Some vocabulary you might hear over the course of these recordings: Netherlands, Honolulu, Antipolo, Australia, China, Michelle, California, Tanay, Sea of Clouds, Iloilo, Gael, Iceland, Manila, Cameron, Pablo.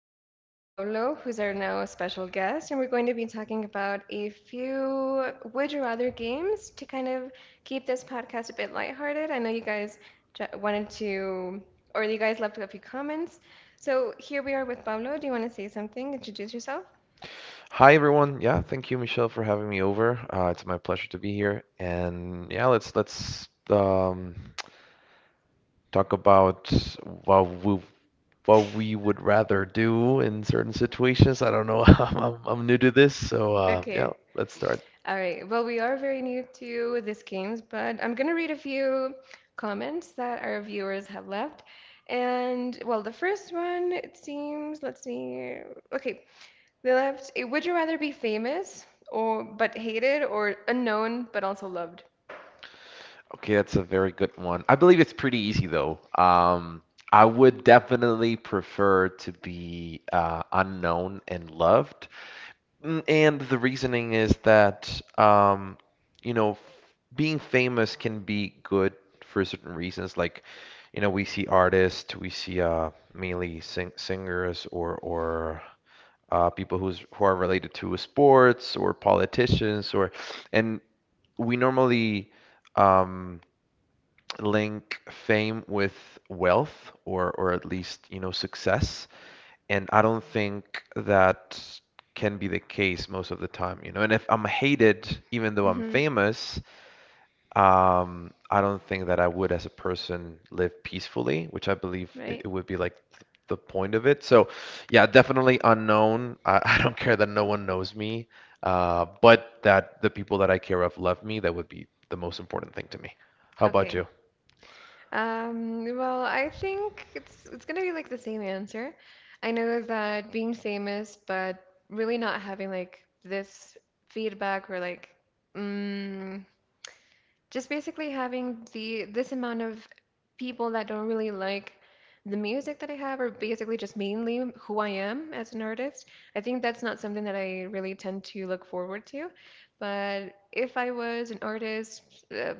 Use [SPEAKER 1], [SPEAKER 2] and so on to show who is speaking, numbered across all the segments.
[SPEAKER 1] joined by Pablo, who's our now special guest, and we're going to be talking about a few would you rather games to kind of keep this podcast a bit lighthearted. I know you guys wanted to, or you guys left a few comments. So, here we are with Pablo. Do you want to say something? Introduce yourself?
[SPEAKER 2] Hi everyone. Yeah, thank you, Michelle, for having me over. It's my pleasure to be here. And yeah, let's talk about what we what we would rather do in certain situations. I don't know. I'm new to this, so yeah,
[SPEAKER 1] Okay,
[SPEAKER 2] let's start.
[SPEAKER 1] all right. Well, we are very new to these games, but I'm going to read a few comments that our viewers have left. And, well, the first one, it seems, let's see. Okay. They left a would you rather be famous or but hated or unknown but also loved?
[SPEAKER 2] Okay, that's a very good one. I believe it's pretty easy though. I would definitely prefer to be unknown and loved. Mm. And the reasoning is that, you know, being famous can be good for certain reasons. Like, you know, we see artists, we see mainly singers or people who are related to sports or politicians, or and we normally, um, link fame with wealth, or at least, you know, success. And I don't think that can be the case most of the time, you know. And if I'm hated, even though I'm
[SPEAKER 1] Hmm.
[SPEAKER 2] famous, I don't think that I would, as a person, live peacefully, which I believe it,
[SPEAKER 1] Right?
[SPEAKER 2] it would be like th the point of it. So yeah, definitely unknown. I, I don't care that no one knows me, but that the people that I care of love me, that would be the most important thing to me. How about
[SPEAKER 1] Okay.
[SPEAKER 2] you?
[SPEAKER 1] Well, I think it's gonna be like the same answer. I know that being famous, but really not having like this feedback or like mm, just basically having the this amount of people that don't really like the music that I have or basically just mainly who I am as an artist. I think that's not something that I really tend to look forward to. But if I was an artist, uh,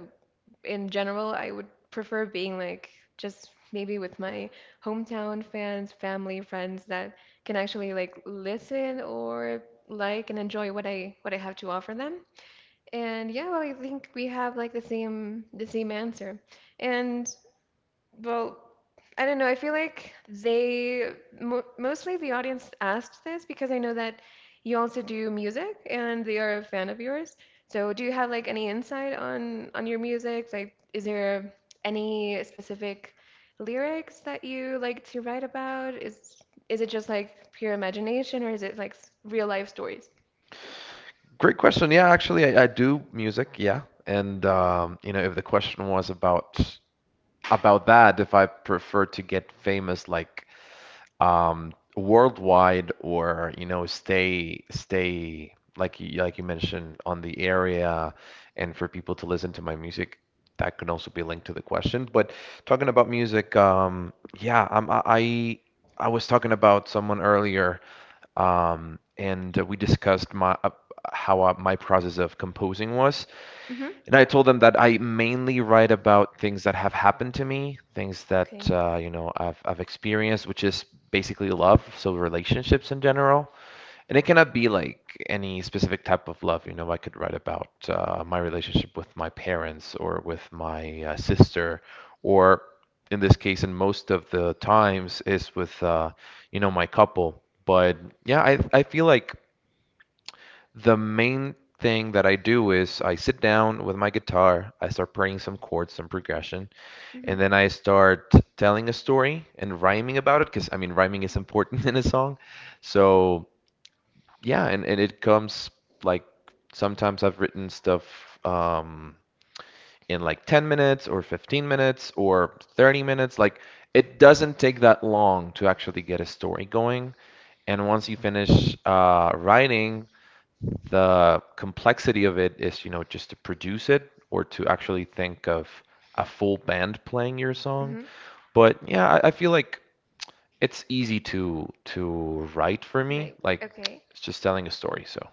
[SPEAKER 1] in general, I would prefer being like just maybe with my hometown fans, family, friends that can actually like listen or like and enjoy what I have to offer them. And yeah, well, I think we have like the same answer. And well, I don't know. I feel like they mo mostly the audience asked this because I know that you also do music and they are a fan of yours. So, do you have like any insight on your music? Like, is there any specific lyrics that you like to write about? Is it just like pure imagination or is it like real life stories?
[SPEAKER 2] Great question. Yeah, actually, I do music. Yeah. And, you know, if the question was about that if I prefer to get famous like worldwide, or you know stay like you, like you mentioned, on the area, and for people to listen to my music, that can also be linked to the question. But talking about music, yeah, I'm, I was talking about someone earlier, and we discussed my how my process of composing was.
[SPEAKER 1] Mm-hmm.
[SPEAKER 2] And I told them that I mainly write about things that have happened to me, things that
[SPEAKER 1] Okay.
[SPEAKER 2] you know, I've experienced, which is basically love, so relationships in general. And it cannot be like any specific type of love. You know, I could write about my relationship with my parents or with my sister, or in this case, and most of the times is with you know, my couple. But yeah, I feel like the main thing that I do is I sit down with my guitar, I start playing some chords, some progression,
[SPEAKER 1] Mm-hmm.
[SPEAKER 2] and then I start telling a story and rhyming about it, because I mean rhyming is important in a song. So yeah, and it comes like sometimes I've written stuff um in like 10 minutes or 15 minutes or 30 minutes. Like it doesn't take that long to actually get a story going. And once you finish writing, the complexity of it is, you know, just to produce it, or to actually think of a full band playing your song.
[SPEAKER 1] Mm-hmm.
[SPEAKER 2] But yeah, I feel like it's easy to write for me.
[SPEAKER 1] Right.
[SPEAKER 2] Like
[SPEAKER 1] Okay.
[SPEAKER 2] it's just telling a story, so.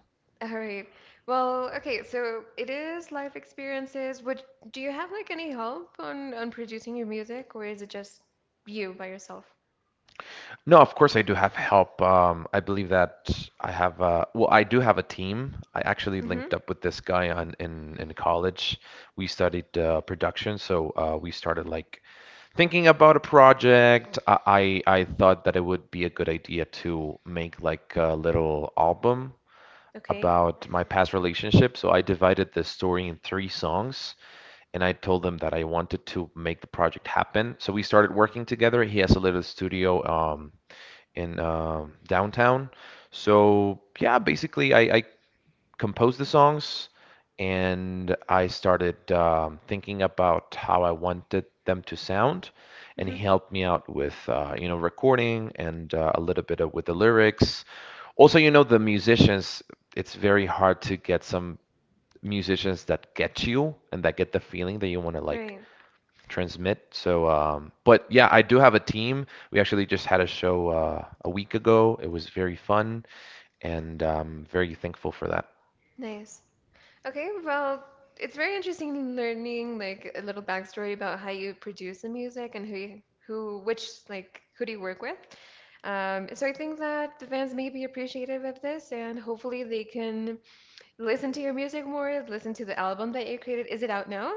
[SPEAKER 1] All right. Well, okay, so it is life experiences. Would Do you have like any help on producing your music or is it just you by yourself?
[SPEAKER 2] No, of course I do have help. I believe that I have well, I do have a team. I actually
[SPEAKER 1] Mm-hmm.
[SPEAKER 2] linked up with this guy on in college. We studied production, so we started like thinking about a project. I thought that it would be a good idea to make like a little album
[SPEAKER 1] Okay.
[SPEAKER 2] about my past relationship. So I divided the story in three songs, and I told them that I wanted to make the project happen. So we started working together. He has a little studio in downtown. So yeah, basically, I composed the songs and I started, thinking about how I wanted them to sound, and he
[SPEAKER 1] Mm-hmm.
[SPEAKER 2] helped me out with you know, recording and a little bit of, with the lyrics. Also, you know, the musicians, it's very hard to get some musicians that get you and that get the feeling that you want to like
[SPEAKER 1] Great.
[SPEAKER 2] transmit. So, but yeah, I do have a team. We actually just had a show a week ago. It was very fun, and very thankful for that.
[SPEAKER 1] Nice. Okay, well, it's very interesting learning like a little backstory about how you produce the music and who which like who do you work with? So I think that the fans may be appreciative of this, and hopefully they can listen to your music more, listen to the album that you created. Is it out now?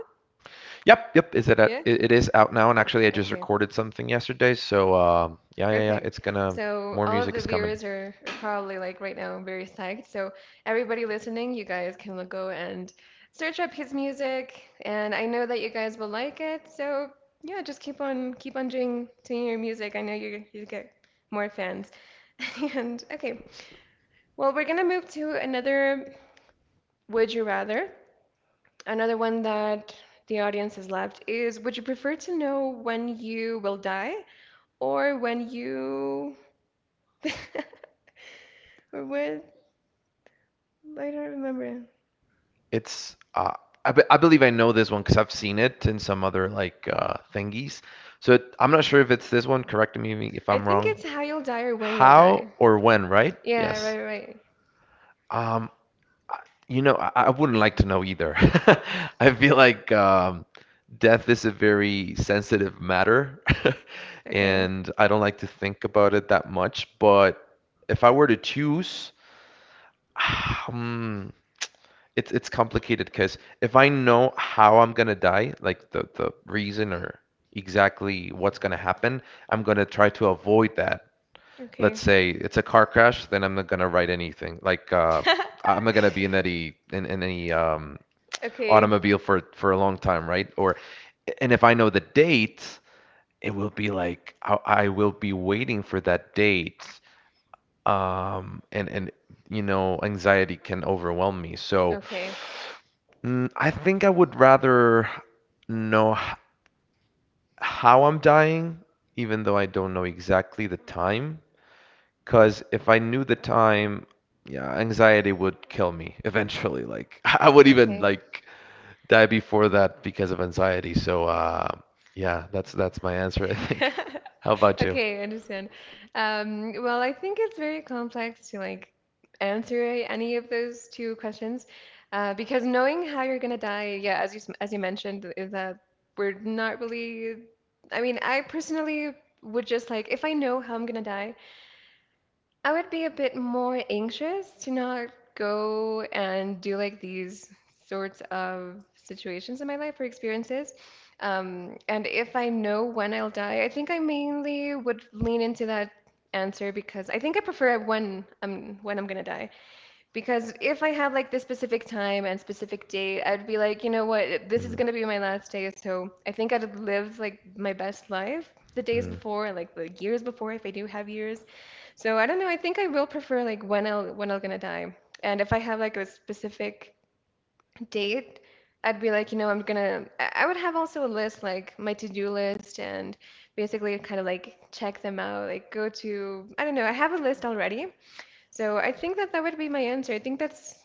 [SPEAKER 2] Yep, yep. Is it
[SPEAKER 1] Yeah?
[SPEAKER 2] at, it is out now, and actually, I just
[SPEAKER 1] Okay,
[SPEAKER 2] recorded something yesterday. So, yeah, yeah, yeah. It's
[SPEAKER 1] perfect.
[SPEAKER 2] gonna,
[SPEAKER 1] So
[SPEAKER 2] more
[SPEAKER 1] all of
[SPEAKER 2] music
[SPEAKER 1] the
[SPEAKER 2] is coming.
[SPEAKER 1] viewers are probably like right now very psyched. So everybody listening, you guys can go and search up his music, and I know that you guys will like it. So yeah, just keep on doing your music. I know you get more fans. And okay, well we're gonna move to another Would You Rather. Another one that the audience has left is would you prefer to know when you will die? Or when you or when I don't remember.
[SPEAKER 2] It's I believe I know this one because I've seen it in some other like thingies. So it, I'm not sure if it's this one. Correct me if
[SPEAKER 1] I
[SPEAKER 2] I'm
[SPEAKER 1] think
[SPEAKER 2] wrong.
[SPEAKER 1] it's how you'll die or when you'll
[SPEAKER 2] How
[SPEAKER 1] die.
[SPEAKER 2] or when, right?
[SPEAKER 1] Yeah, right,
[SPEAKER 2] Yes.
[SPEAKER 1] right. right.
[SPEAKER 2] Um, You know, I wouldn't like to know either. I feel like, death is a very sensitive matter,
[SPEAKER 1] Okay.
[SPEAKER 2] and I don't like to think about it that much. But if I were to choose, um, it's complicated because if I know how I'm gonna die, like the reason or exactly what's gonna happen, I'm gonna try to avoid that. Let's
[SPEAKER 1] Okay.
[SPEAKER 2] say it's a car crash, then I'm not gonna write anything. Like I'm not gonna be in any in any
[SPEAKER 1] Okay.
[SPEAKER 2] automobile for a long time, right? Or and if I know the date, it will be like I will be waiting for that date. And you know, anxiety can overwhelm me. So
[SPEAKER 1] Okay.
[SPEAKER 2] mm, I think I would rather know how I'm dying, even though I don't know exactly the time. Because if I knew the time, yeah, anxiety would kill me eventually. Like I would even
[SPEAKER 1] Okay.
[SPEAKER 2] like die before that because of anxiety. So yeah, that's my answer, I think. How about you?
[SPEAKER 1] Okay, I understand. Well, I think it's very complex to like answer any of those two questions because knowing how you're gonna die, yeah, as you as you mentioned, is that we're not really. I mean, I personally would just like if I know how I'm gonna die, I would be a bit more anxious to not go and do like these sorts of situations in my life or experiences. And if I know when I'll die, I think I mainly would lean into that answer because I think I prefer when I'm gonna die. Because if I had like this specific time and specific date, I'd be like, you know what, this is
[SPEAKER 2] Mm,
[SPEAKER 1] gonna be my last day, so I think I'd live like my best life the days
[SPEAKER 2] mm.
[SPEAKER 1] before and like the years before if I do have years. So I don't know. I think I will prefer like when I'll when I'm gonna die. And if I have like a specific date, I'd be like, you know, I'm gonna. I would have also a list like my to-do list and basically kind of like check them out. Like go to. I don't know. I have a list already. So I think that that would be my answer. I think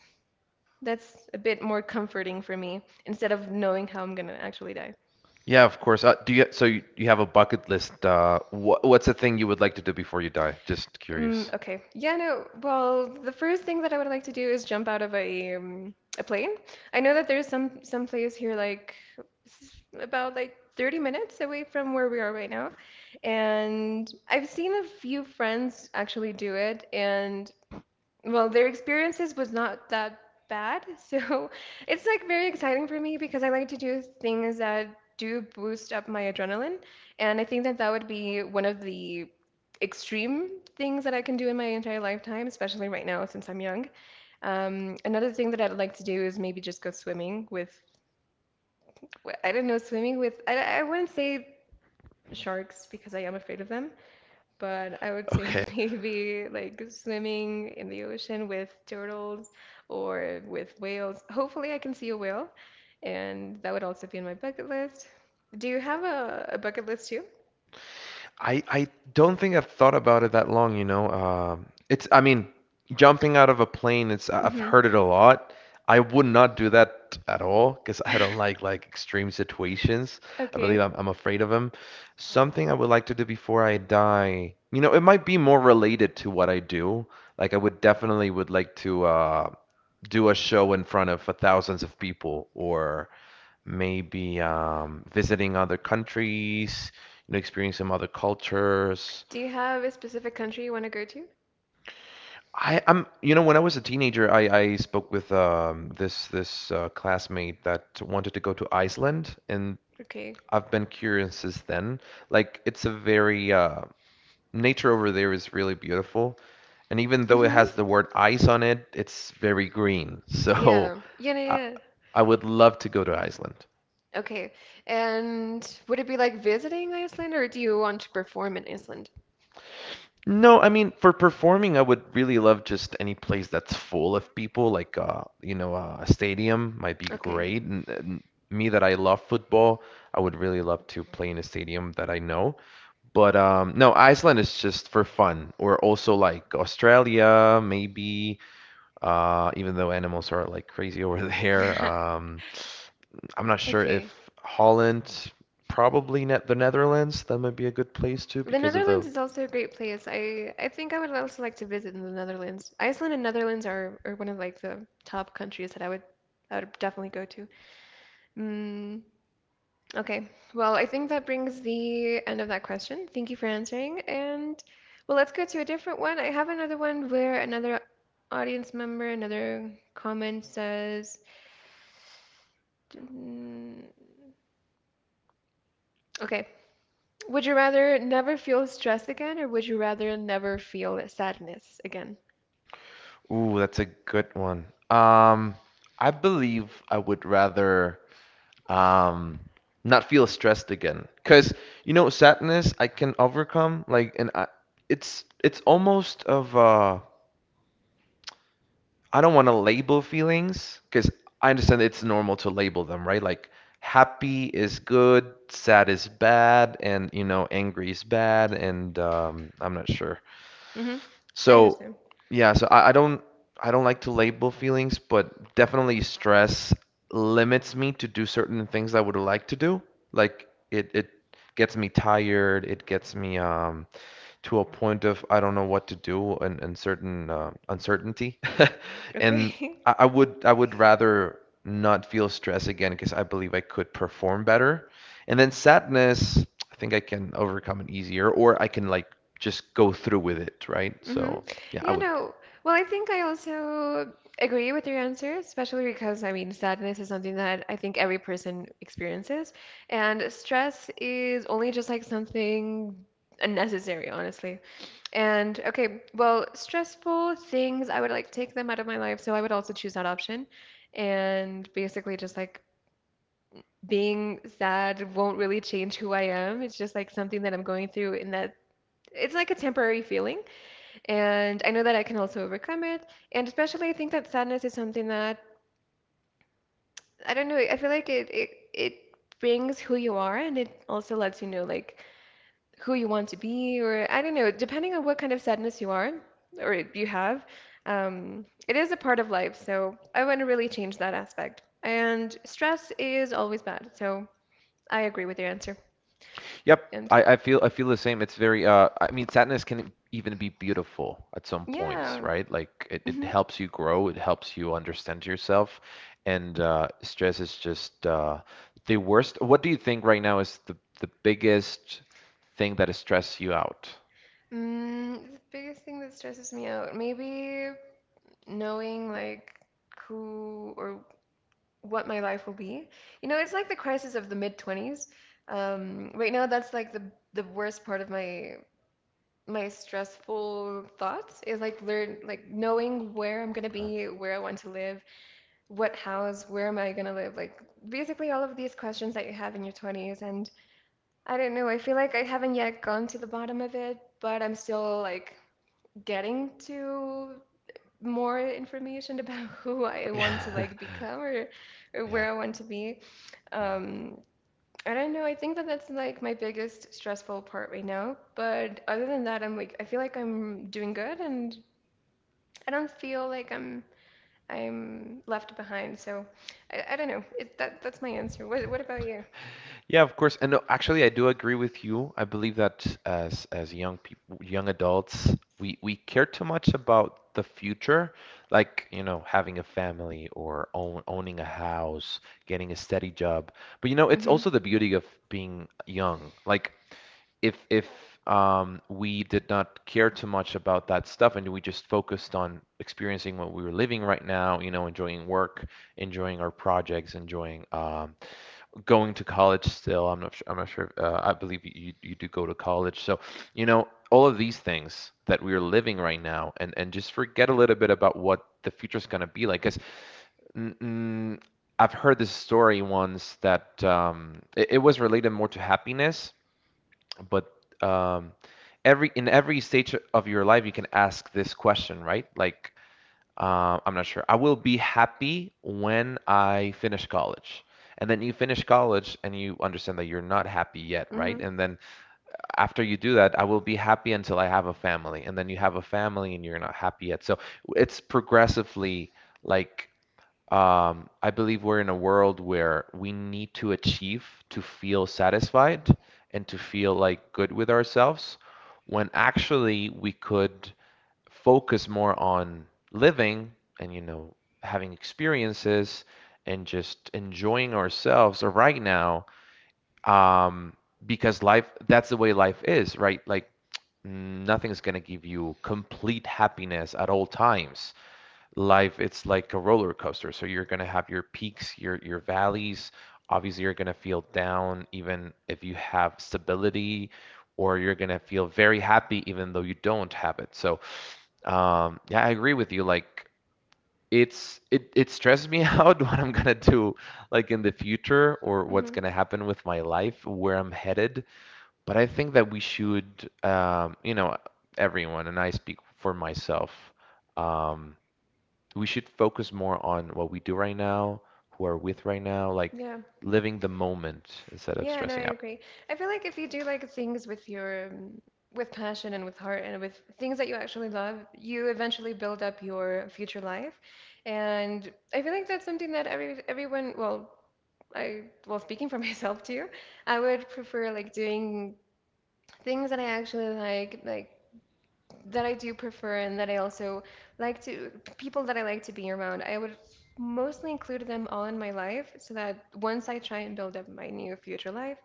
[SPEAKER 1] that's a bit more comforting for me instead of knowing how I'm gonna actually die.
[SPEAKER 2] Yeah, of course. Do you, so you have a bucket list? What what's the thing you would like to do before you die? Just curious.
[SPEAKER 1] Okay. Yeah, no. Well, the first thing that I would like to do is jump out of a plane. I know that there's some place here like about like 30 minutes away from where we are right now. And I've seen a few friends actually do it, and well, their experiences was not that bad. So it's like very exciting for me because I like to do things that do boost up my adrenaline. And I think that that would be one of the extreme things that I can do in my entire lifetime, especially right now since I'm young. Another thing that I'd like to do is maybe just go swimming with, I don't know, swimming with, I wouldn't say sharks because I am afraid of them, but I would say
[SPEAKER 2] Okay.
[SPEAKER 1] maybe like swimming in the ocean with turtles or with whales. Hopefully, I can see a whale, and that would also be on my bucket list. Do you have a bucket list too?
[SPEAKER 2] I don't think I've thought about it that long, you know. It's I mean, jumping out of a plane, it's I've
[SPEAKER 1] Hmm.
[SPEAKER 2] heard it a lot. I would not do that at all because I don't like extreme situations. I believe
[SPEAKER 1] Okay.
[SPEAKER 2] I'm afraid of them. Something I would like to do before I die. You know, it might be more related to what I do. Like I would definitely would like to do a show in front of thousands of people, or maybe visiting other countries, you know, experiencing other cultures.
[SPEAKER 1] Do you have a specific country you want to go to?
[SPEAKER 2] You know, when I was a teenager, I spoke with this classmate that wanted to go to Iceland, and
[SPEAKER 1] Okay.
[SPEAKER 2] I've been curious since then. Like, it's a very, nature over there is really beautiful, and even though it
[SPEAKER 1] Mm-hmm.
[SPEAKER 2] has the word ice on it, it's very green. So, I,
[SPEAKER 1] Yeah.
[SPEAKER 2] I would love to go to Iceland.
[SPEAKER 1] Okay. And would it be like visiting Iceland or do you want to perform in Iceland?
[SPEAKER 2] No, I mean for performing, I would really love just any place that's full of people, like you know, a stadium might be
[SPEAKER 1] Okay.
[SPEAKER 2] great. And me that I love football, I would really love to play in a stadium that I know. But no, Iceland is just for fun, or also like Australia, maybe. Even though animals are like crazy over there, I'm not sure if
[SPEAKER 1] Okay.
[SPEAKER 2] Holland, probably net the Netherlands, that might be a good place too
[SPEAKER 1] The
[SPEAKER 2] because of
[SPEAKER 1] Netherlands
[SPEAKER 2] the
[SPEAKER 1] is also a great place. I think I would also like to visit in the Netherlands. Iceland and Netherlands are one of like the top countries that I would definitely go to. Mm, okay. Well, I think that brings the end of that question. Thank you for answering. And well, let's go to a different one. I have another one where another audience member, another comment says, mm, okay. Would you rather never feel stress again, or would you rather never feel sadness again?
[SPEAKER 2] Ooh, that's a good one. Um, I believe I would rather um not feel stressed again. 'Cause you know, sadness I can overcome like and I, it's almost of I don't want to label feelings, 'cause I understand it's normal to label them, right? Like happy is good, sad is bad, and you know, angry is bad, and I'm not sure.
[SPEAKER 1] Mm-hmm. I
[SPEAKER 2] So
[SPEAKER 1] understand.
[SPEAKER 2] yeah, so I don't like to label feelings, but definitely stress limits me to do certain things I would like to do. Like it gets me tired, it gets me to a point of I don't know what to do, and certain uncertainty. And
[SPEAKER 1] Okay.
[SPEAKER 2] I would rather not feel stress again, because I believe I could perform better. And then sadness, I think I can overcome it easier, or I can like just go through with it, right?
[SPEAKER 1] Mm-hmm.
[SPEAKER 2] So yeah, I
[SPEAKER 1] Yeah,
[SPEAKER 2] would.
[SPEAKER 1] no. Well, I think I also agree with your answer, especially because I mean, sadness is something that I think every person experiences, and stress is only just like something unnecessary, honestly. And okay, well, stressful things, I would like take them out of my life, so I would also choose that option. And basically, just like being sad won't really change who I am. It's just like something that I'm going through in that it's like a temporary feeling, and I know that I can also overcome it. And especially, I think that sadness is something that I don't know. I feel like it brings who you are, and it also lets you know like who you want to be, or I don't know, depending on what kind of sadness you are or you have. It is a part of life, so I want to really change that aspect. And stress is always bad, so I agree with your answer.
[SPEAKER 2] Yep,
[SPEAKER 1] And
[SPEAKER 2] I feel the same. It's very I mean sadness can even be beautiful at some points,
[SPEAKER 1] yeah.
[SPEAKER 2] right? Like it
[SPEAKER 1] Mm-hmm.
[SPEAKER 2] helps you grow, it helps you understand yourself, and stress is just the worst. What do you think right now is the biggest thing that stress you out?
[SPEAKER 1] Mm, the biggest thing that stresses me out, maybe knowing like who or what my life will be. You know, it's like the crisis of the mid 20's. Right now, that's like the worst part of my stressful thoughts is like learn like knowing where I'm gonna be, where I want to live, what house, where am I gonna live, like basically all of these questions that you have in your 20's. And I don't know, I feel like I haven't yet gone to the bottom of it, but I'm still like getting to more information about who I want to
[SPEAKER 2] Uh,
[SPEAKER 1] like become or
[SPEAKER 2] Yeah.
[SPEAKER 1] where I want to be.
[SPEAKER 2] Mm.
[SPEAKER 1] Um, I don't know. I think that that's like my biggest stressful part right now. But other than that, I'm like I feel like I'm doing good, and I don't feel like I'm left behind. So I don't know. That that's my answer. What about you?
[SPEAKER 2] Yeah, of course. And no, actually, I do agree with you. I believe that as young people, young adults, we care too much about the future, like, you know, having a family or owning a house, getting a steady job. But you know, it's
[SPEAKER 1] Mm-hmm.
[SPEAKER 2] also the beauty of being young. Like if we did not care too much about that stuff, and we just focused on experiencing what we were living right now, you know, enjoying work, enjoying our projects, enjoying going to college still. I'm not sure. I believe you do go to college. So you know all of these things that we are living right now, and just forget a little bit about what the future is gonna be like. Cause mm, mm, I've heard this story once that it was related more to happiness, but um, every in every stage of your life you can ask this question, right? Like I'm not sure. I will be happy when I finish college. And then you finish college and you understand that you're not happy yet,
[SPEAKER 1] Mm-hmm.
[SPEAKER 2] right? And then after you do that, I will be happy until I have a family. And then you have a family and you're not happy yet. So it's progressively, like I believe we're in a world where we need to achieve, to feel satisfied and to feel like good with ourselves, when actually we could focus more on living and, you know, having experiences and just enjoying ourselves right now, um, because life, that's the way life is, right? Like nothing's going to give you complete happiness at all times. Life, it's like a roller coaster, so you're going to have your peaks, your valleys. Obviously you're going to feel down even if you have stability, or you're going to feel very happy even though you don't have it. So yeah, I agree with you. Like it stresses me out, what I'm going to do, like in the future, or what's
[SPEAKER 1] Mm-hmm.
[SPEAKER 2] going to happen with my life, where I'm headed. But I think that we should, you know, everyone, and I speak for myself, um we should focus more on what we do right now, who are with right now, like
[SPEAKER 1] Yeah.
[SPEAKER 2] living the moment instead of
[SPEAKER 1] Yeah, no,
[SPEAKER 2] stressing
[SPEAKER 1] I
[SPEAKER 2] out.
[SPEAKER 1] agree. I feel like if you do like things with your with passion and with heart and with things that you actually love, you eventually build up your future life. And I feel like that's something that everyone, well, I well, speaking for myself too, I would prefer like doing things that I actually like that I do prefer and that I also like to people that I like to be around. I would mostly include them all in my life so that once I try and build up my new future life,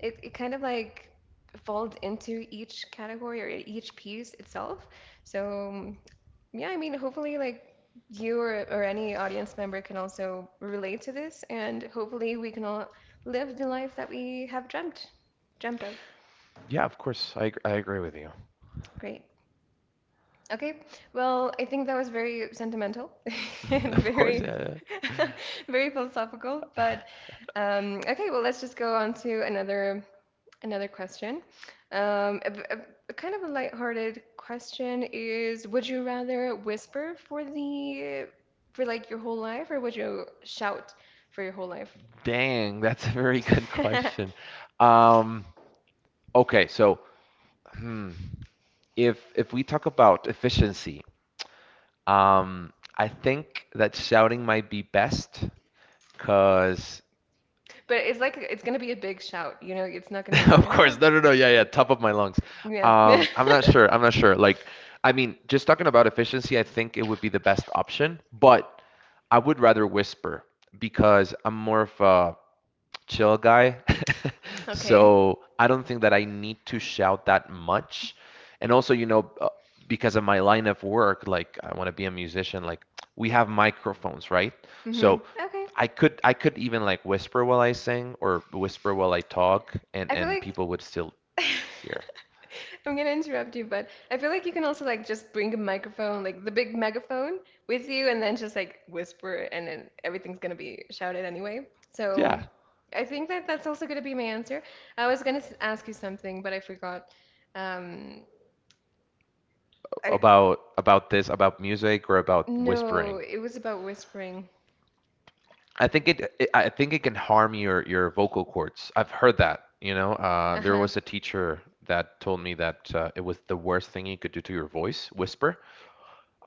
[SPEAKER 1] it kind of like folds into each category or each piece itself. So yeah, I mean, hopefully like you or any audience member can also relate to this, and hopefully we can all live the life that we have dreamt of.
[SPEAKER 2] Yeah, of course. I agree with you.
[SPEAKER 1] Great. Okay. Well, I think that was very sentimental and
[SPEAKER 2] Of course,
[SPEAKER 1] very
[SPEAKER 2] yeah. Yeah.
[SPEAKER 1] very philosophical. But okay, well, let's just go on to another question. A, a kind of a lighthearted question is, would you rather whisper for the for like your whole life, or would you shout for your whole life?
[SPEAKER 2] Dang, that's a very good question. Um, okay, so hmm, if we talk about efficiency, I think that shouting might be best because
[SPEAKER 1] But it's like it's gonna be a big shout, you know, it's not gonna be
[SPEAKER 2] Of
[SPEAKER 1] like, ah,
[SPEAKER 2] course. No, no, no. Yeah, yeah. Top of my lungs.
[SPEAKER 1] yeah.
[SPEAKER 2] I'm not sure. I'm not sure. Like, I mean, just talking about efficiency, I think it would be the best option, but I would rather whisper because I'm more of a chill guy.
[SPEAKER 1] Okay.
[SPEAKER 2] So I don't think that I need to shout that much. And also, you know, because of my line of work, like I want to be a musician, like we have microphones, right?
[SPEAKER 1] Mm-hmm.
[SPEAKER 2] So
[SPEAKER 1] Okay.
[SPEAKER 2] I could even like whisper while I sing, or whisper while I talk, and
[SPEAKER 1] I feel
[SPEAKER 2] and
[SPEAKER 1] like
[SPEAKER 2] people would still hear.
[SPEAKER 1] I'm gonna interrupt you, but I feel like you can also like just bring a microphone, like the big megaphone with you, and then just like whisper and then everything's gonna be shouted anyway. So
[SPEAKER 2] Yeah,
[SPEAKER 1] I think that that's also gonna be my answer. I was gonna ask you something, but I forgot. Um, I
[SPEAKER 2] about this, about music or about
[SPEAKER 1] No,
[SPEAKER 2] whispering.
[SPEAKER 1] it was about whispering.
[SPEAKER 2] I think it can harm your vocal cords. I've heard that, you know. There
[SPEAKER 1] Uh-huh.
[SPEAKER 2] was a teacher that told me that it was the worst thing you could do to your voice, whisper.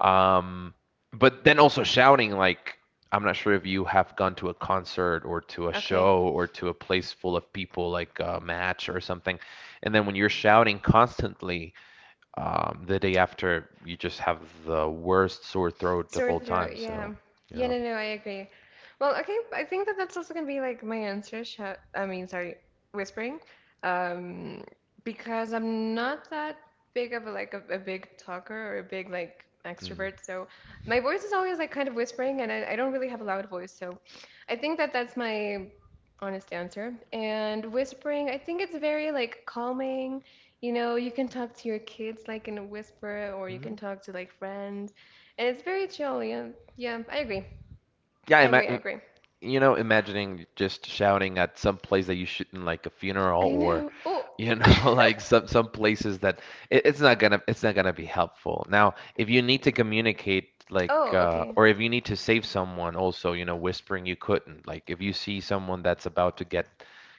[SPEAKER 2] Um, but then also shouting, like I'm not sure if you have gone to a concert, or to a
[SPEAKER 1] Okay.
[SPEAKER 2] show, or to a place full of people, like a match or something, and then when you're shouting constantly, the day after, you just have the worst sore throat of
[SPEAKER 1] Sore
[SPEAKER 2] all
[SPEAKER 1] throat,
[SPEAKER 2] time. So,
[SPEAKER 1] yeah. Yeah,
[SPEAKER 2] yeah.
[SPEAKER 1] no, no, I agree. Well, okay, I think that that's also gonna be like my answer. Shout, I mean, sorry, whispering. Um, because I'm not that big of a like a big talker or a big like extrovert, so my voice is always like kind of whispering, and I don't really have a loud voice, so I think that that's my honest answer. And whispering, I think it's very like calming. You know, you can talk to your kids like in a whisper, or you can
[SPEAKER 2] Mm.
[SPEAKER 1] talk to like friends. It's very chill, yeah. Yeah, I agree.
[SPEAKER 2] Yeah,
[SPEAKER 1] I agree, I agree.
[SPEAKER 2] imagining just shouting at some place that you shouldn't, like a funeral,
[SPEAKER 1] I
[SPEAKER 2] or,
[SPEAKER 1] know. Oh.
[SPEAKER 2] you know, like some places that it's not gonna be helpful. Now, if you need to communicate, like,
[SPEAKER 1] Oh, okay.
[SPEAKER 2] or if you need to save someone, also, you know, whispering you couldn't. Like, if you see someone that's about to get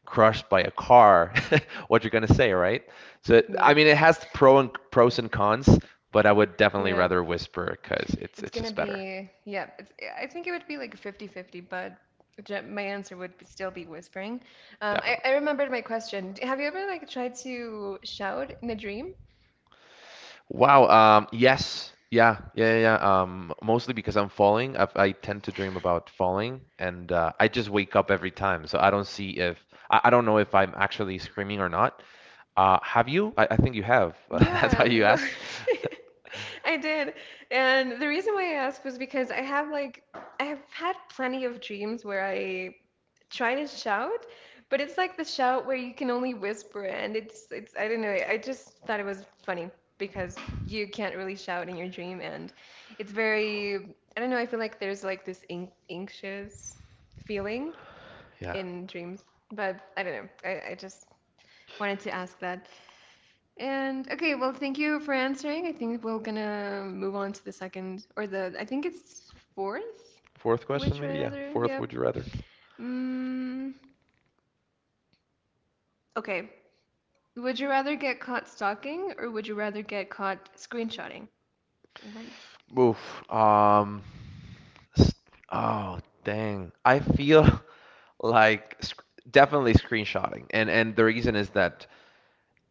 [SPEAKER 2] crushed by a car, what you're gonna say, right? So, I
[SPEAKER 1] Move.
[SPEAKER 2] mean, it has pros and cons, but I would definitely
[SPEAKER 1] Yeah.
[SPEAKER 2] rather whisper because
[SPEAKER 1] It's
[SPEAKER 2] it's
[SPEAKER 1] gonna
[SPEAKER 2] just better.
[SPEAKER 1] be yeah, it's I think it would be like fifty-fifty, but my answer would be still be whispering. I remembered my question. Have you ever like tried to shout in a dream?
[SPEAKER 2] Wow. Yes. Yeah. Yeah. Yeah. Yeah. Mostly because I'm falling. I tend to dream about falling, and I just wake up every time. So I don't see if I don't know if I'm actually screaming or not. Have you? I think you have. That's why
[SPEAKER 1] Yeah,
[SPEAKER 2] you
[SPEAKER 1] well,
[SPEAKER 2] asked.
[SPEAKER 1] I did. And the reason why I asked was because I have like I have had plenty of dreams where I try to shout, but it's like the shout where you can only whisper, and it's I don't know, I just thought it was funny because you can't really shout in your dream, and it's very I don't know, I feel like there's like this an anxious feeling
[SPEAKER 2] Yeah.
[SPEAKER 1] in dreams, but I don't know. I just wanted to ask that. And okay, well, thank you for answering. I think we're gonna move on to the second or the I think it's fourth.
[SPEAKER 2] Fourth question,
[SPEAKER 1] Would you
[SPEAKER 2] maybe. Yeah.
[SPEAKER 1] rather?
[SPEAKER 2] Fourth,
[SPEAKER 1] Yep.
[SPEAKER 2] would you rather?
[SPEAKER 1] Mm, okay. Would you rather get caught stalking, or would you rather get caught screenshotting? What?
[SPEAKER 2] Oof. Um. s- Oh, dang. I feel like sc definitely screenshotting, and the reason is that.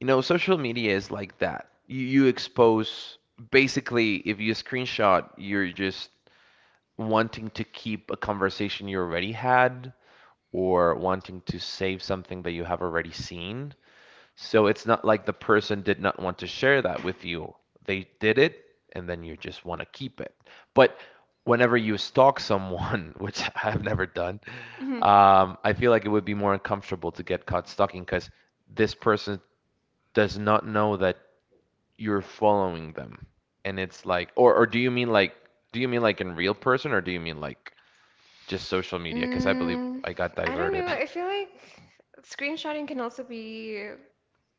[SPEAKER 2] You know, social media is like that. You expose, basically. If you screenshot, you're just wanting to keep a conversation you already had, or wanting to save something that you have already seen. So it's not like the person did not want to share that with you. They did it, and then you just want to keep it. But whenever you stalk someone, which I've never done,
[SPEAKER 1] Mhm.
[SPEAKER 2] I feel like it would be more uncomfortable to get caught stalking, because this person does not know that you're following them. And it's like, or do you mean, like, do you mean like in real person, or do you mean like just social media, because I believe
[SPEAKER 1] Mm,
[SPEAKER 2] I got
[SPEAKER 1] I don't know.
[SPEAKER 2] diverted.
[SPEAKER 1] I feel like screenshotting can also be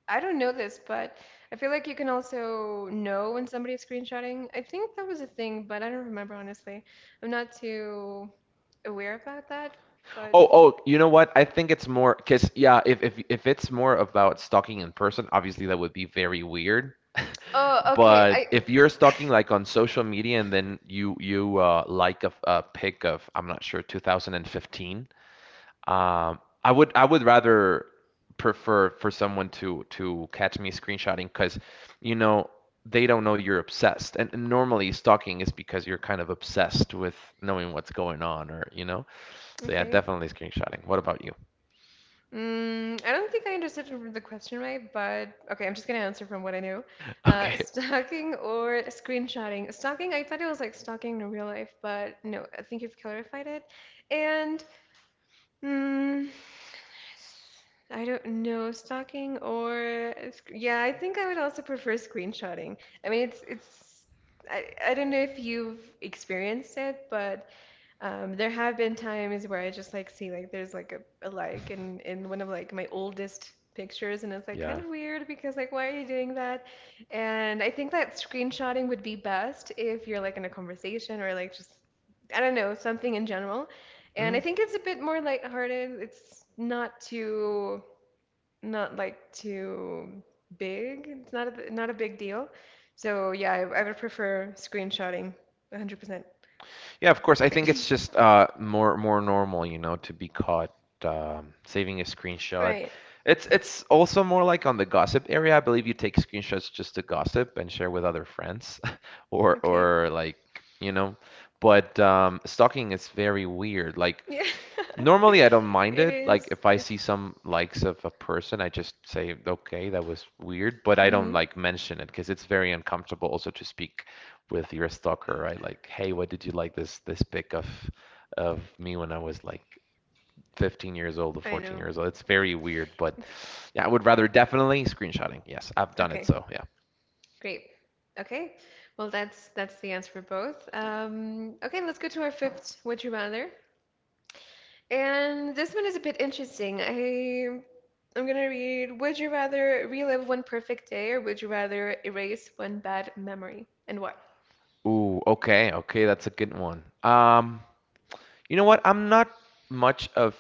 [SPEAKER 1] I don't know this, but I feel like you can also know when somebody's screenshotting. I think that was a thing, but I don't remember honestly. I'm not too aware about that, but
[SPEAKER 2] Oh you know what? I think it's more because, yeah, if it's more about stalking in person, obviously that would be very weird.
[SPEAKER 1] oh, okay. I
[SPEAKER 2] But if you're stalking like on social media, and then you like a pic of, I'm not sure, 2015. I would rather prefer for someone to catch me screenshotting, because, you know, they don't know you're obsessed. And normally stalking is because you're kind of obsessed with knowing what's going on, or, you know. So yeah,
[SPEAKER 1] okay.
[SPEAKER 2] definitely screenshotting. What about you?
[SPEAKER 1] Mm, I don't think I understood the question right, but okay, I'm just gonna answer from what I knew.
[SPEAKER 2] Okay.
[SPEAKER 1] Stalking or screenshotting. Stalking, I thought it was like stalking in real life, but no, I think you've clarified it. And mm, s- I don't know, if stalking or yeah, I think I would also prefer screenshotting. I mean, it's I don't know if you've experienced it, but there have been times where I just like see like there's like a like in one of like my oldest pictures, and it's like kind
[SPEAKER 2] Yeah.
[SPEAKER 1] of weird because like why are you doing that? And I think that screenshotting would be best if you're like in a conversation or like just I don't know, something in general.
[SPEAKER 2] Hmm?
[SPEAKER 1] And I think it's a bit more lighthearted. It's not too not like too big. It's not not a big deal. So yeah, I would prefer screenshotting 100%.
[SPEAKER 2] Yeah, of course. I think it's just more normal, you know, to be caught saving a screenshot.
[SPEAKER 1] Right.
[SPEAKER 2] It's also more like on the gossip area. I believe you take screenshots just to gossip and share with other friends, or
[SPEAKER 1] Okay.
[SPEAKER 2] or like, you know. But stalking is very weird. Like
[SPEAKER 1] Yeah,
[SPEAKER 2] normally, I don't mind
[SPEAKER 1] it
[SPEAKER 2] it. Like
[SPEAKER 1] is.
[SPEAKER 2] if I
[SPEAKER 1] It's.
[SPEAKER 2] see some likes of a person, I just say, "Okay, that was weird," but I don't
[SPEAKER 1] Mm-hmm.
[SPEAKER 2] like mention it because it's very uncomfortable also to speak with your stalker, right? Like, "Hey, what did you like this pic of me when I was like 15 years old or
[SPEAKER 1] I
[SPEAKER 2] 14
[SPEAKER 1] know.
[SPEAKER 2] years old?" It's very weird, but
[SPEAKER 1] It's
[SPEAKER 2] yeah, I would rather definitely screenshotting. Yes, I've done it,
[SPEAKER 1] okay.
[SPEAKER 2] so yeah.
[SPEAKER 1] Great. Okay. Well, that's the answer for both. Okay, let's go to our fifth. Would you rather? And this one is a bit interesting. I I'm gonna read. Would you rather relive one perfect day, or would you rather erase one bad memory, and why?
[SPEAKER 2] Ooh, okay, okay, that's a good one. You know what? I'm not much of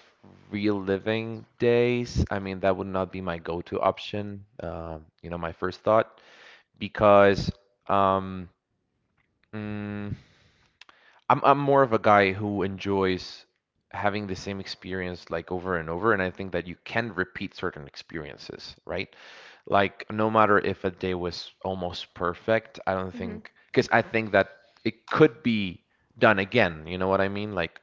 [SPEAKER 2] reliving days. I mean, that would not be my go-to option, you know, my first thought, because um, mm, I'm more of a guy who enjoys having the same experience like over and over, and I think that you can repeat certain experiences, right? Like no matter if a day was almost perfect, I don't
[SPEAKER 1] Mm-hmm.
[SPEAKER 2] think, because I think that it could be done again. You know what I mean? Like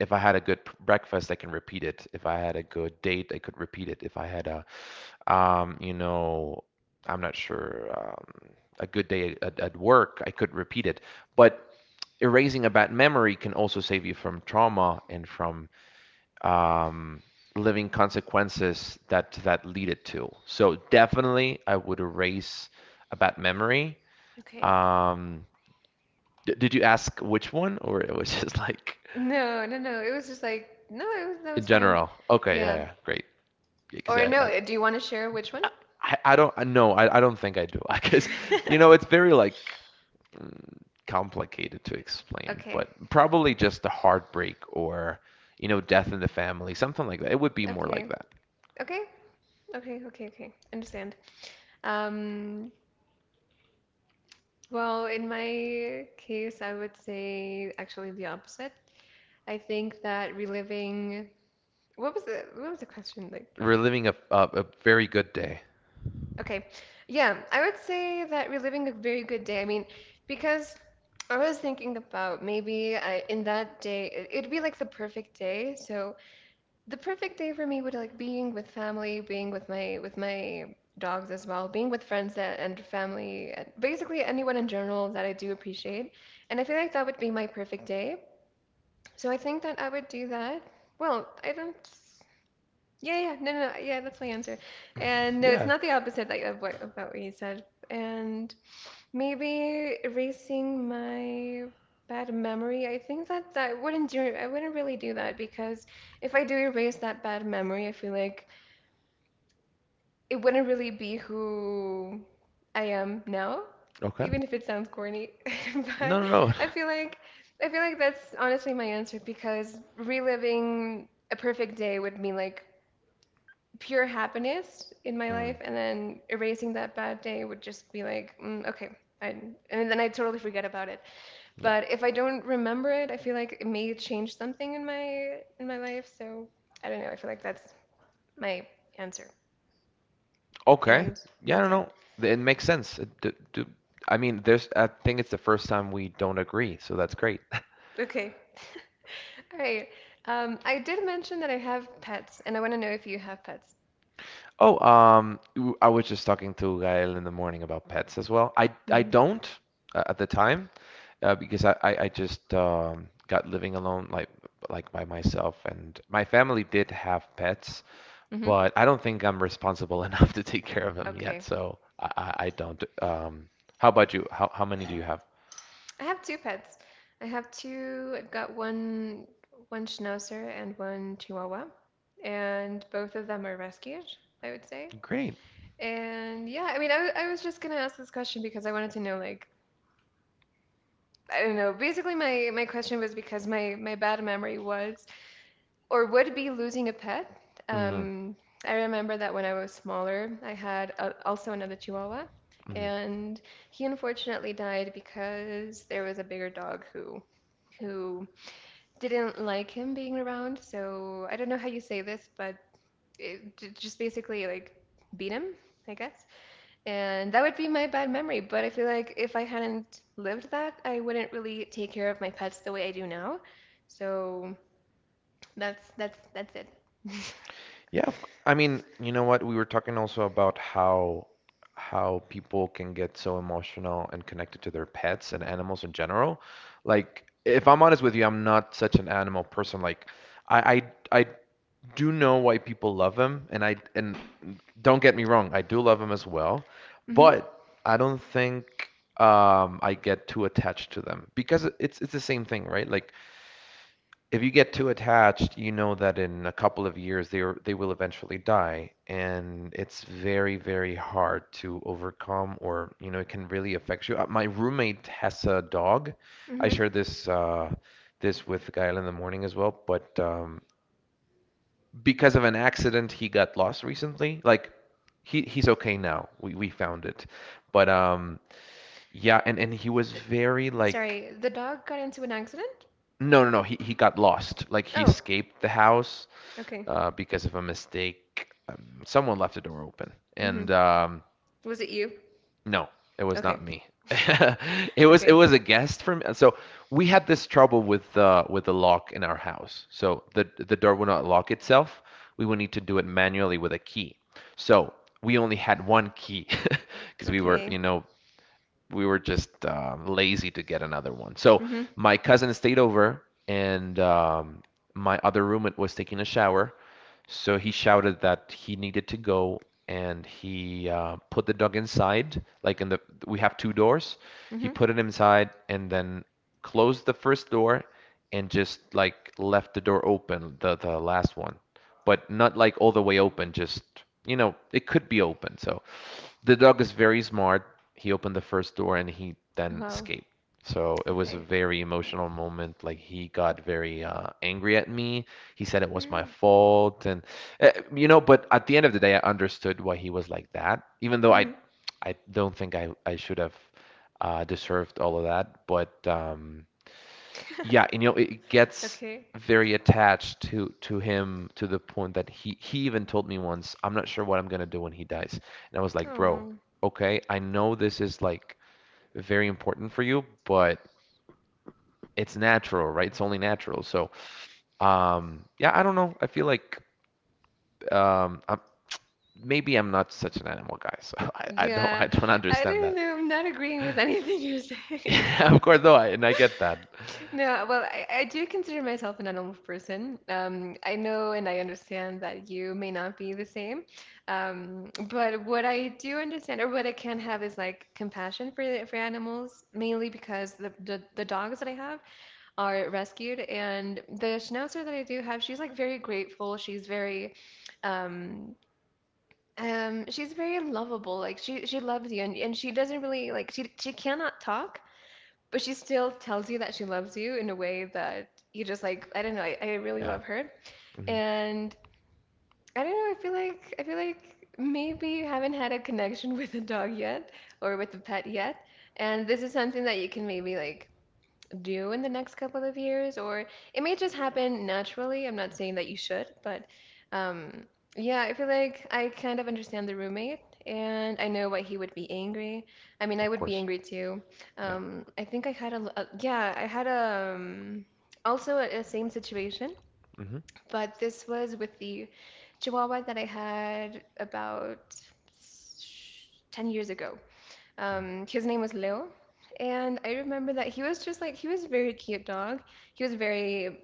[SPEAKER 2] if I had a good breakfast, I can repeat it. If I had a good date, I could repeat it. If I had a you know, I'm not sure. A good day at work, I could repeat it. But erasing a bad memory can also save you from trauma and from um, living consequences that that lead it to. So definitely, I would erase a bad memory.
[SPEAKER 1] Okay.
[SPEAKER 2] Um, did you ask which one, or it was just like
[SPEAKER 1] No, no, no. It was just like no. It was, that
[SPEAKER 2] in
[SPEAKER 1] was fine.
[SPEAKER 2] general? Okay, yeah,
[SPEAKER 1] Yeah.
[SPEAKER 2] yeah, great. Because
[SPEAKER 1] Or no. Do you want to share which one?
[SPEAKER 2] I, I don't, no, I don't think I do. I guess, you know, it's very like complicated to explain,
[SPEAKER 1] Okay,
[SPEAKER 2] but probably just a heartbreak, or, you know, death in the family, something like that. It would be more like
[SPEAKER 1] okay,
[SPEAKER 2] that.
[SPEAKER 1] okay, okay, okay, okay. Understand. Um, well, in my case, I would say actually the opposite. I think that reliving, what was the question? Like,
[SPEAKER 2] Reliving a very good day.
[SPEAKER 1] okay, yeah, I would say that reliving a very good day. I mean, because I was thinking about maybe I, in that day, it, it'd be like the perfect day. So the perfect day for me would like being with family, being with my dogs as well, being with friends that, and family, and basically anyone in general that I do appreciate. And I feel like that would be my perfect day. So I think that I would do that. Well, I don't. Yeah, yeah, no, no, no, yeah, that's my answer. And no, it's not the opposite like, of what you said. And maybe erasing my bad memory. I think that I wouldn't do I wouldn't really do that because if I do erase that bad memory, I feel like it wouldn't really be who I am now,
[SPEAKER 2] Okay.
[SPEAKER 1] even if it sounds corny.
[SPEAKER 2] No,
[SPEAKER 1] But
[SPEAKER 2] no, no.
[SPEAKER 1] I feel like I feel like that's honestly my answer, because reliving a perfect day would mean like pure happiness in my
[SPEAKER 2] Mm,
[SPEAKER 1] life, and then erasing that bad day would just be like, mm, okay, I, and then I totally forget about it.
[SPEAKER 2] yeah.
[SPEAKER 1] But if I don't remember it, I feel like it may change something in my life. So I don't know. I feel like that's my answer,
[SPEAKER 2] Okay.
[SPEAKER 1] and
[SPEAKER 2] Yeah, no,
[SPEAKER 1] that's it.
[SPEAKER 2] no. It makes sense. It, do, do, I mean, there's. I think it's the first time we don't agree, so that's great.
[SPEAKER 1] Okay. All right. I did mention that I have pets, and I want to know if you have pets.
[SPEAKER 2] Oh, I was just talking to Gael in the morning about pets as well. I
[SPEAKER 1] Hmm.
[SPEAKER 2] don't, at the time, because I just got living alone, like by myself, and my family did have pets,
[SPEAKER 1] Hmm.
[SPEAKER 2] but I don't think I'm responsible enough to take care of them yet.
[SPEAKER 1] Okay.
[SPEAKER 2] So I don't. How about you? How many do you have?
[SPEAKER 1] I have two pets. I have two. I've got one schnauzer and one chihuahua, and both of them are rescued, I would say.
[SPEAKER 2] Great.
[SPEAKER 1] And yeah, I mean, I, I was just gonna ask this question because I wanted to know like I don't know. Basically, my question was because my bad memory was or would be losing a pet.
[SPEAKER 2] Hmm.
[SPEAKER 1] Um, I remember that when I was smaller, I had a, also another Chihuahua,
[SPEAKER 2] Hmm.
[SPEAKER 1] and he unfortunately died because there was a bigger dog who didn't like him being around. So I don't know how you say this, but it just basically like beat him, I guess. And that would be my bad memory. But I feel like if I hadn't lived that, I wouldn't really take care of my pets the way I do now. So that's that's it.
[SPEAKER 2] Yeah, I mean, you know what? We were talking also about how people can get so emotional and connected to their pets and animals in general. Like, if I'm honest with you, I'm not such an animal person. Like, I I do know why people love them, and don't get me wrong, I do love them as well,
[SPEAKER 1] Hmm.
[SPEAKER 2] but I don't think I get too attached to them because it's the same thing, right? Like, if you get too attached, you know that in a couple of years they will eventually die, and it's very, very hard to overcome, or you know, it can really affect you. My roommate has a dog. I
[SPEAKER 1] Hmm.
[SPEAKER 2] shared this with Gael in the morning as well, but because of an accident, he got lost recently. Like he's okay now. We found it, but yeah, and he was
[SPEAKER 1] Th
[SPEAKER 2] very like...
[SPEAKER 1] sorry, the dog got into an accident?
[SPEAKER 2] No, no, no. He got lost. Like he
[SPEAKER 1] Oh,
[SPEAKER 2] escaped the house
[SPEAKER 1] okay.
[SPEAKER 2] because of a mistake. Someone left a door open,
[SPEAKER 1] Hmm.
[SPEAKER 2] and
[SPEAKER 1] Was it you?
[SPEAKER 2] no, it was
[SPEAKER 1] Okay.
[SPEAKER 2] not me. It was
[SPEAKER 1] Okay.
[SPEAKER 2] a guest from. So we had this trouble with the lock in our house. So the door would not lock itself. We would need to do it manually with a key. So we only had one key because we were, you
[SPEAKER 1] Okay.
[SPEAKER 2] know, we were just lazy to get another one. So
[SPEAKER 1] Hmm.
[SPEAKER 2] my cousin stayed over, and my other roommate was taking a shower. So he shouted that he needed to go, and he put the dog inside. Like we have two doors. He put
[SPEAKER 1] Hmm.
[SPEAKER 2] it inside, and then closed the first door, and just like left the door open, the last one, but not like all the way open. Just you know, it could be open. So the dog is very smart. He opened the first door and he then
[SPEAKER 1] Wow.
[SPEAKER 2] escaped. So it was a
[SPEAKER 1] Okay.
[SPEAKER 2] very emotional moment. Like he got very angry at me. He said it was my
[SPEAKER 1] Mm-hmm.
[SPEAKER 2] fault, and you know. But at the end of the day, I understood why he was like that. Even though I don't think I should have deserved all of that. But yeah, and, you know, it gets
[SPEAKER 1] Okay.
[SPEAKER 2] very attached to him to the point that he even told me once, I'm not sure what I'm gonna do when he dies. And I was like, bro,
[SPEAKER 1] Oh.
[SPEAKER 2] okay, I know this is like very important for you, but it's natural, right? It's only natural. So, yeah, I don't know. I feel like um, I'm, maybe I'm not such an animal guy, so I don't
[SPEAKER 1] Yeah. I
[SPEAKER 2] understand
[SPEAKER 1] don't
[SPEAKER 2] that.
[SPEAKER 1] know. I'm not agreeing with anything you're saying.
[SPEAKER 2] Yeah, of course, though, and I get that.
[SPEAKER 1] No, well, I do consider myself an animal person. I know and I understand that you may not be the same. But what I do understand or what I can have is like compassion for for animals, mainly because the dogs that I have are rescued, and the schnauzer that I do have, she's like very grateful. She's very um, um, she's very lovable. Like she loves you, and she doesn't really like she cannot talk, but she still tells you that she loves you in a way that you just like I don't know I really
[SPEAKER 2] Yeah,
[SPEAKER 1] love her,
[SPEAKER 2] hmm
[SPEAKER 1] and I don't know I feel like maybe you haven't had a connection with a dog yet or with a pet yet, and this is something that you can maybe like do in the next couple of years, or it may just happen naturally. I'm not saying that you should, but um, yeah, I feel like I kind of understand the roommate, and I know why he would be angry. I mean, I
[SPEAKER 2] of
[SPEAKER 1] would be
[SPEAKER 2] course.
[SPEAKER 1] angry too.
[SPEAKER 2] Yeah.
[SPEAKER 1] I think I had a yeah, I had a, also a same situation,
[SPEAKER 2] Hmm.
[SPEAKER 1] but this was with the Chihuahua that I had about 10 years ago. His name was Leo, and I remember that he was just like he was a very cute dog. He was very,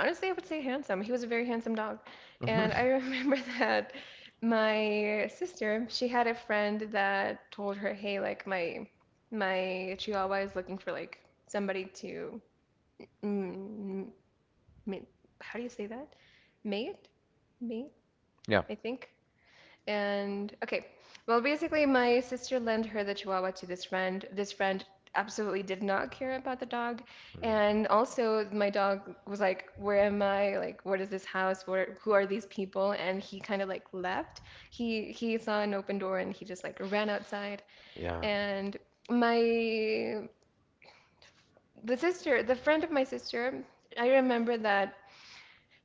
[SPEAKER 1] honestly, I would say handsome. He was a very handsome dog,
[SPEAKER 2] Hmm.
[SPEAKER 1] and I remember that my sister, she had a friend that told her, "Hey, like my Chihuahua is looking for like somebody to, mm, ma- how do you say that? Mate, mate,
[SPEAKER 2] Yeah.
[SPEAKER 1] I think." And okay, well, basically, my sister lent her the Chihuahua to this friend. This friend absolutely did not care about the dog,
[SPEAKER 2] Mm.
[SPEAKER 1] and also my dog was like, "Where am I? Like, what is this house? Where, who are these people?" And he kind of like left. He saw an open door, and he just like ran outside.
[SPEAKER 2] Yeah.
[SPEAKER 1] And my the sister, the friend of my sister, I remember that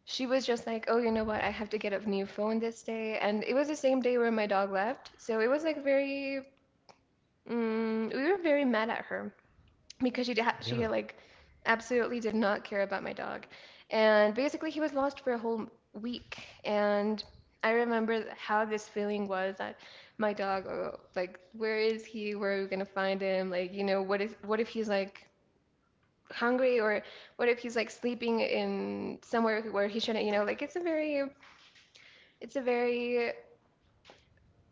[SPEAKER 1] she was just like, "Oh, you know what? I have to get a new phone this day." And it was the same day where my dog left, so it was like very, mm, we were very mad at her because she ha she
[SPEAKER 2] Yeah.
[SPEAKER 1] like absolutely did not care about my dog, and basically he was lost for a whole week. And I remember how this feeling was that my dog, oh, like, where is he? Where are we gonna find him? Like, you know, what if he's like hungry, or what if he's like sleeping in somewhere where he shouldn't, you know, like it's a very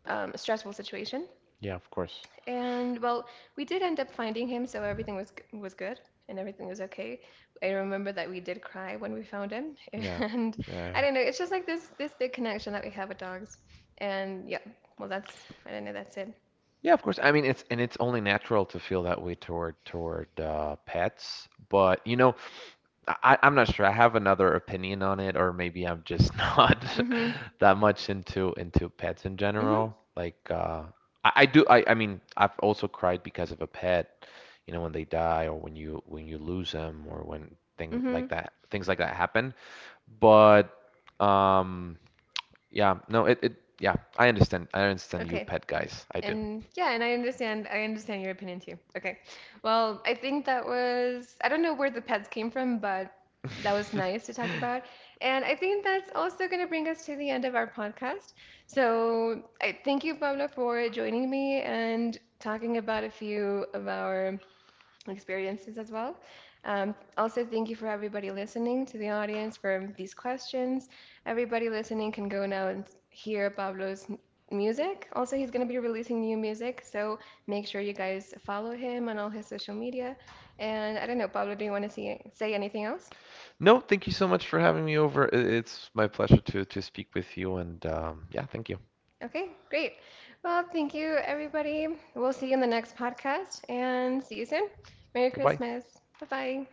[SPEAKER 1] stressful situation.
[SPEAKER 2] Yeah, of course.
[SPEAKER 1] And well, we did end up finding him, so everything was good, and everything was okay. I remember that we did cry when we found him,
[SPEAKER 2] Yeah.
[SPEAKER 1] and I
[SPEAKER 2] Yeah.
[SPEAKER 1] don't know. It's just like this big connection that we have with dogs. And yeah, well, that's I don't know. That's it.
[SPEAKER 2] Yeah, of course. I mean, it's only natural to feel that way toward pets, but you know, I'm not sure. I have another opinion on it, or maybe I'm just not
[SPEAKER 1] Mhm.
[SPEAKER 2] that much into pets in
[SPEAKER 1] Mhm.
[SPEAKER 2] general. Like, I do. I mean, I've also cried because of a pet. You know, when they die, or when you lose them, or when
[SPEAKER 1] Mhm.
[SPEAKER 2] things like that happen. But um. Yeah, no, it yeah, I understand. I understand you
[SPEAKER 1] Okay.
[SPEAKER 2] pet guys. I do.
[SPEAKER 1] And yeah, and I understand your opinion too. Okay. Well, I think that was I don't know where the pets came from, but that was nice to talk about. And I think that's also going to bring us to the end of our podcast. So, I thank you, Pablo, for joining me and talking about a few of our experiences as well. Also, thank you for everybody listening to the audience for these questions. Everybody listening can go now and hear Pablo's music. Also, he's going to be releasing new music, so make sure you guys follow him on all his social media. And I don't know, Pablo, do you want to see, say anything else?
[SPEAKER 2] No, thank you so much for having me over. I- It's my pleasure to speak with you and yeah, thank you.
[SPEAKER 1] Okay, great. Well, thank you, everybody. We'll see you in the next podcast and see you soon. Merry
[SPEAKER 2] Goodbye.
[SPEAKER 1] Christmas. Bye bye.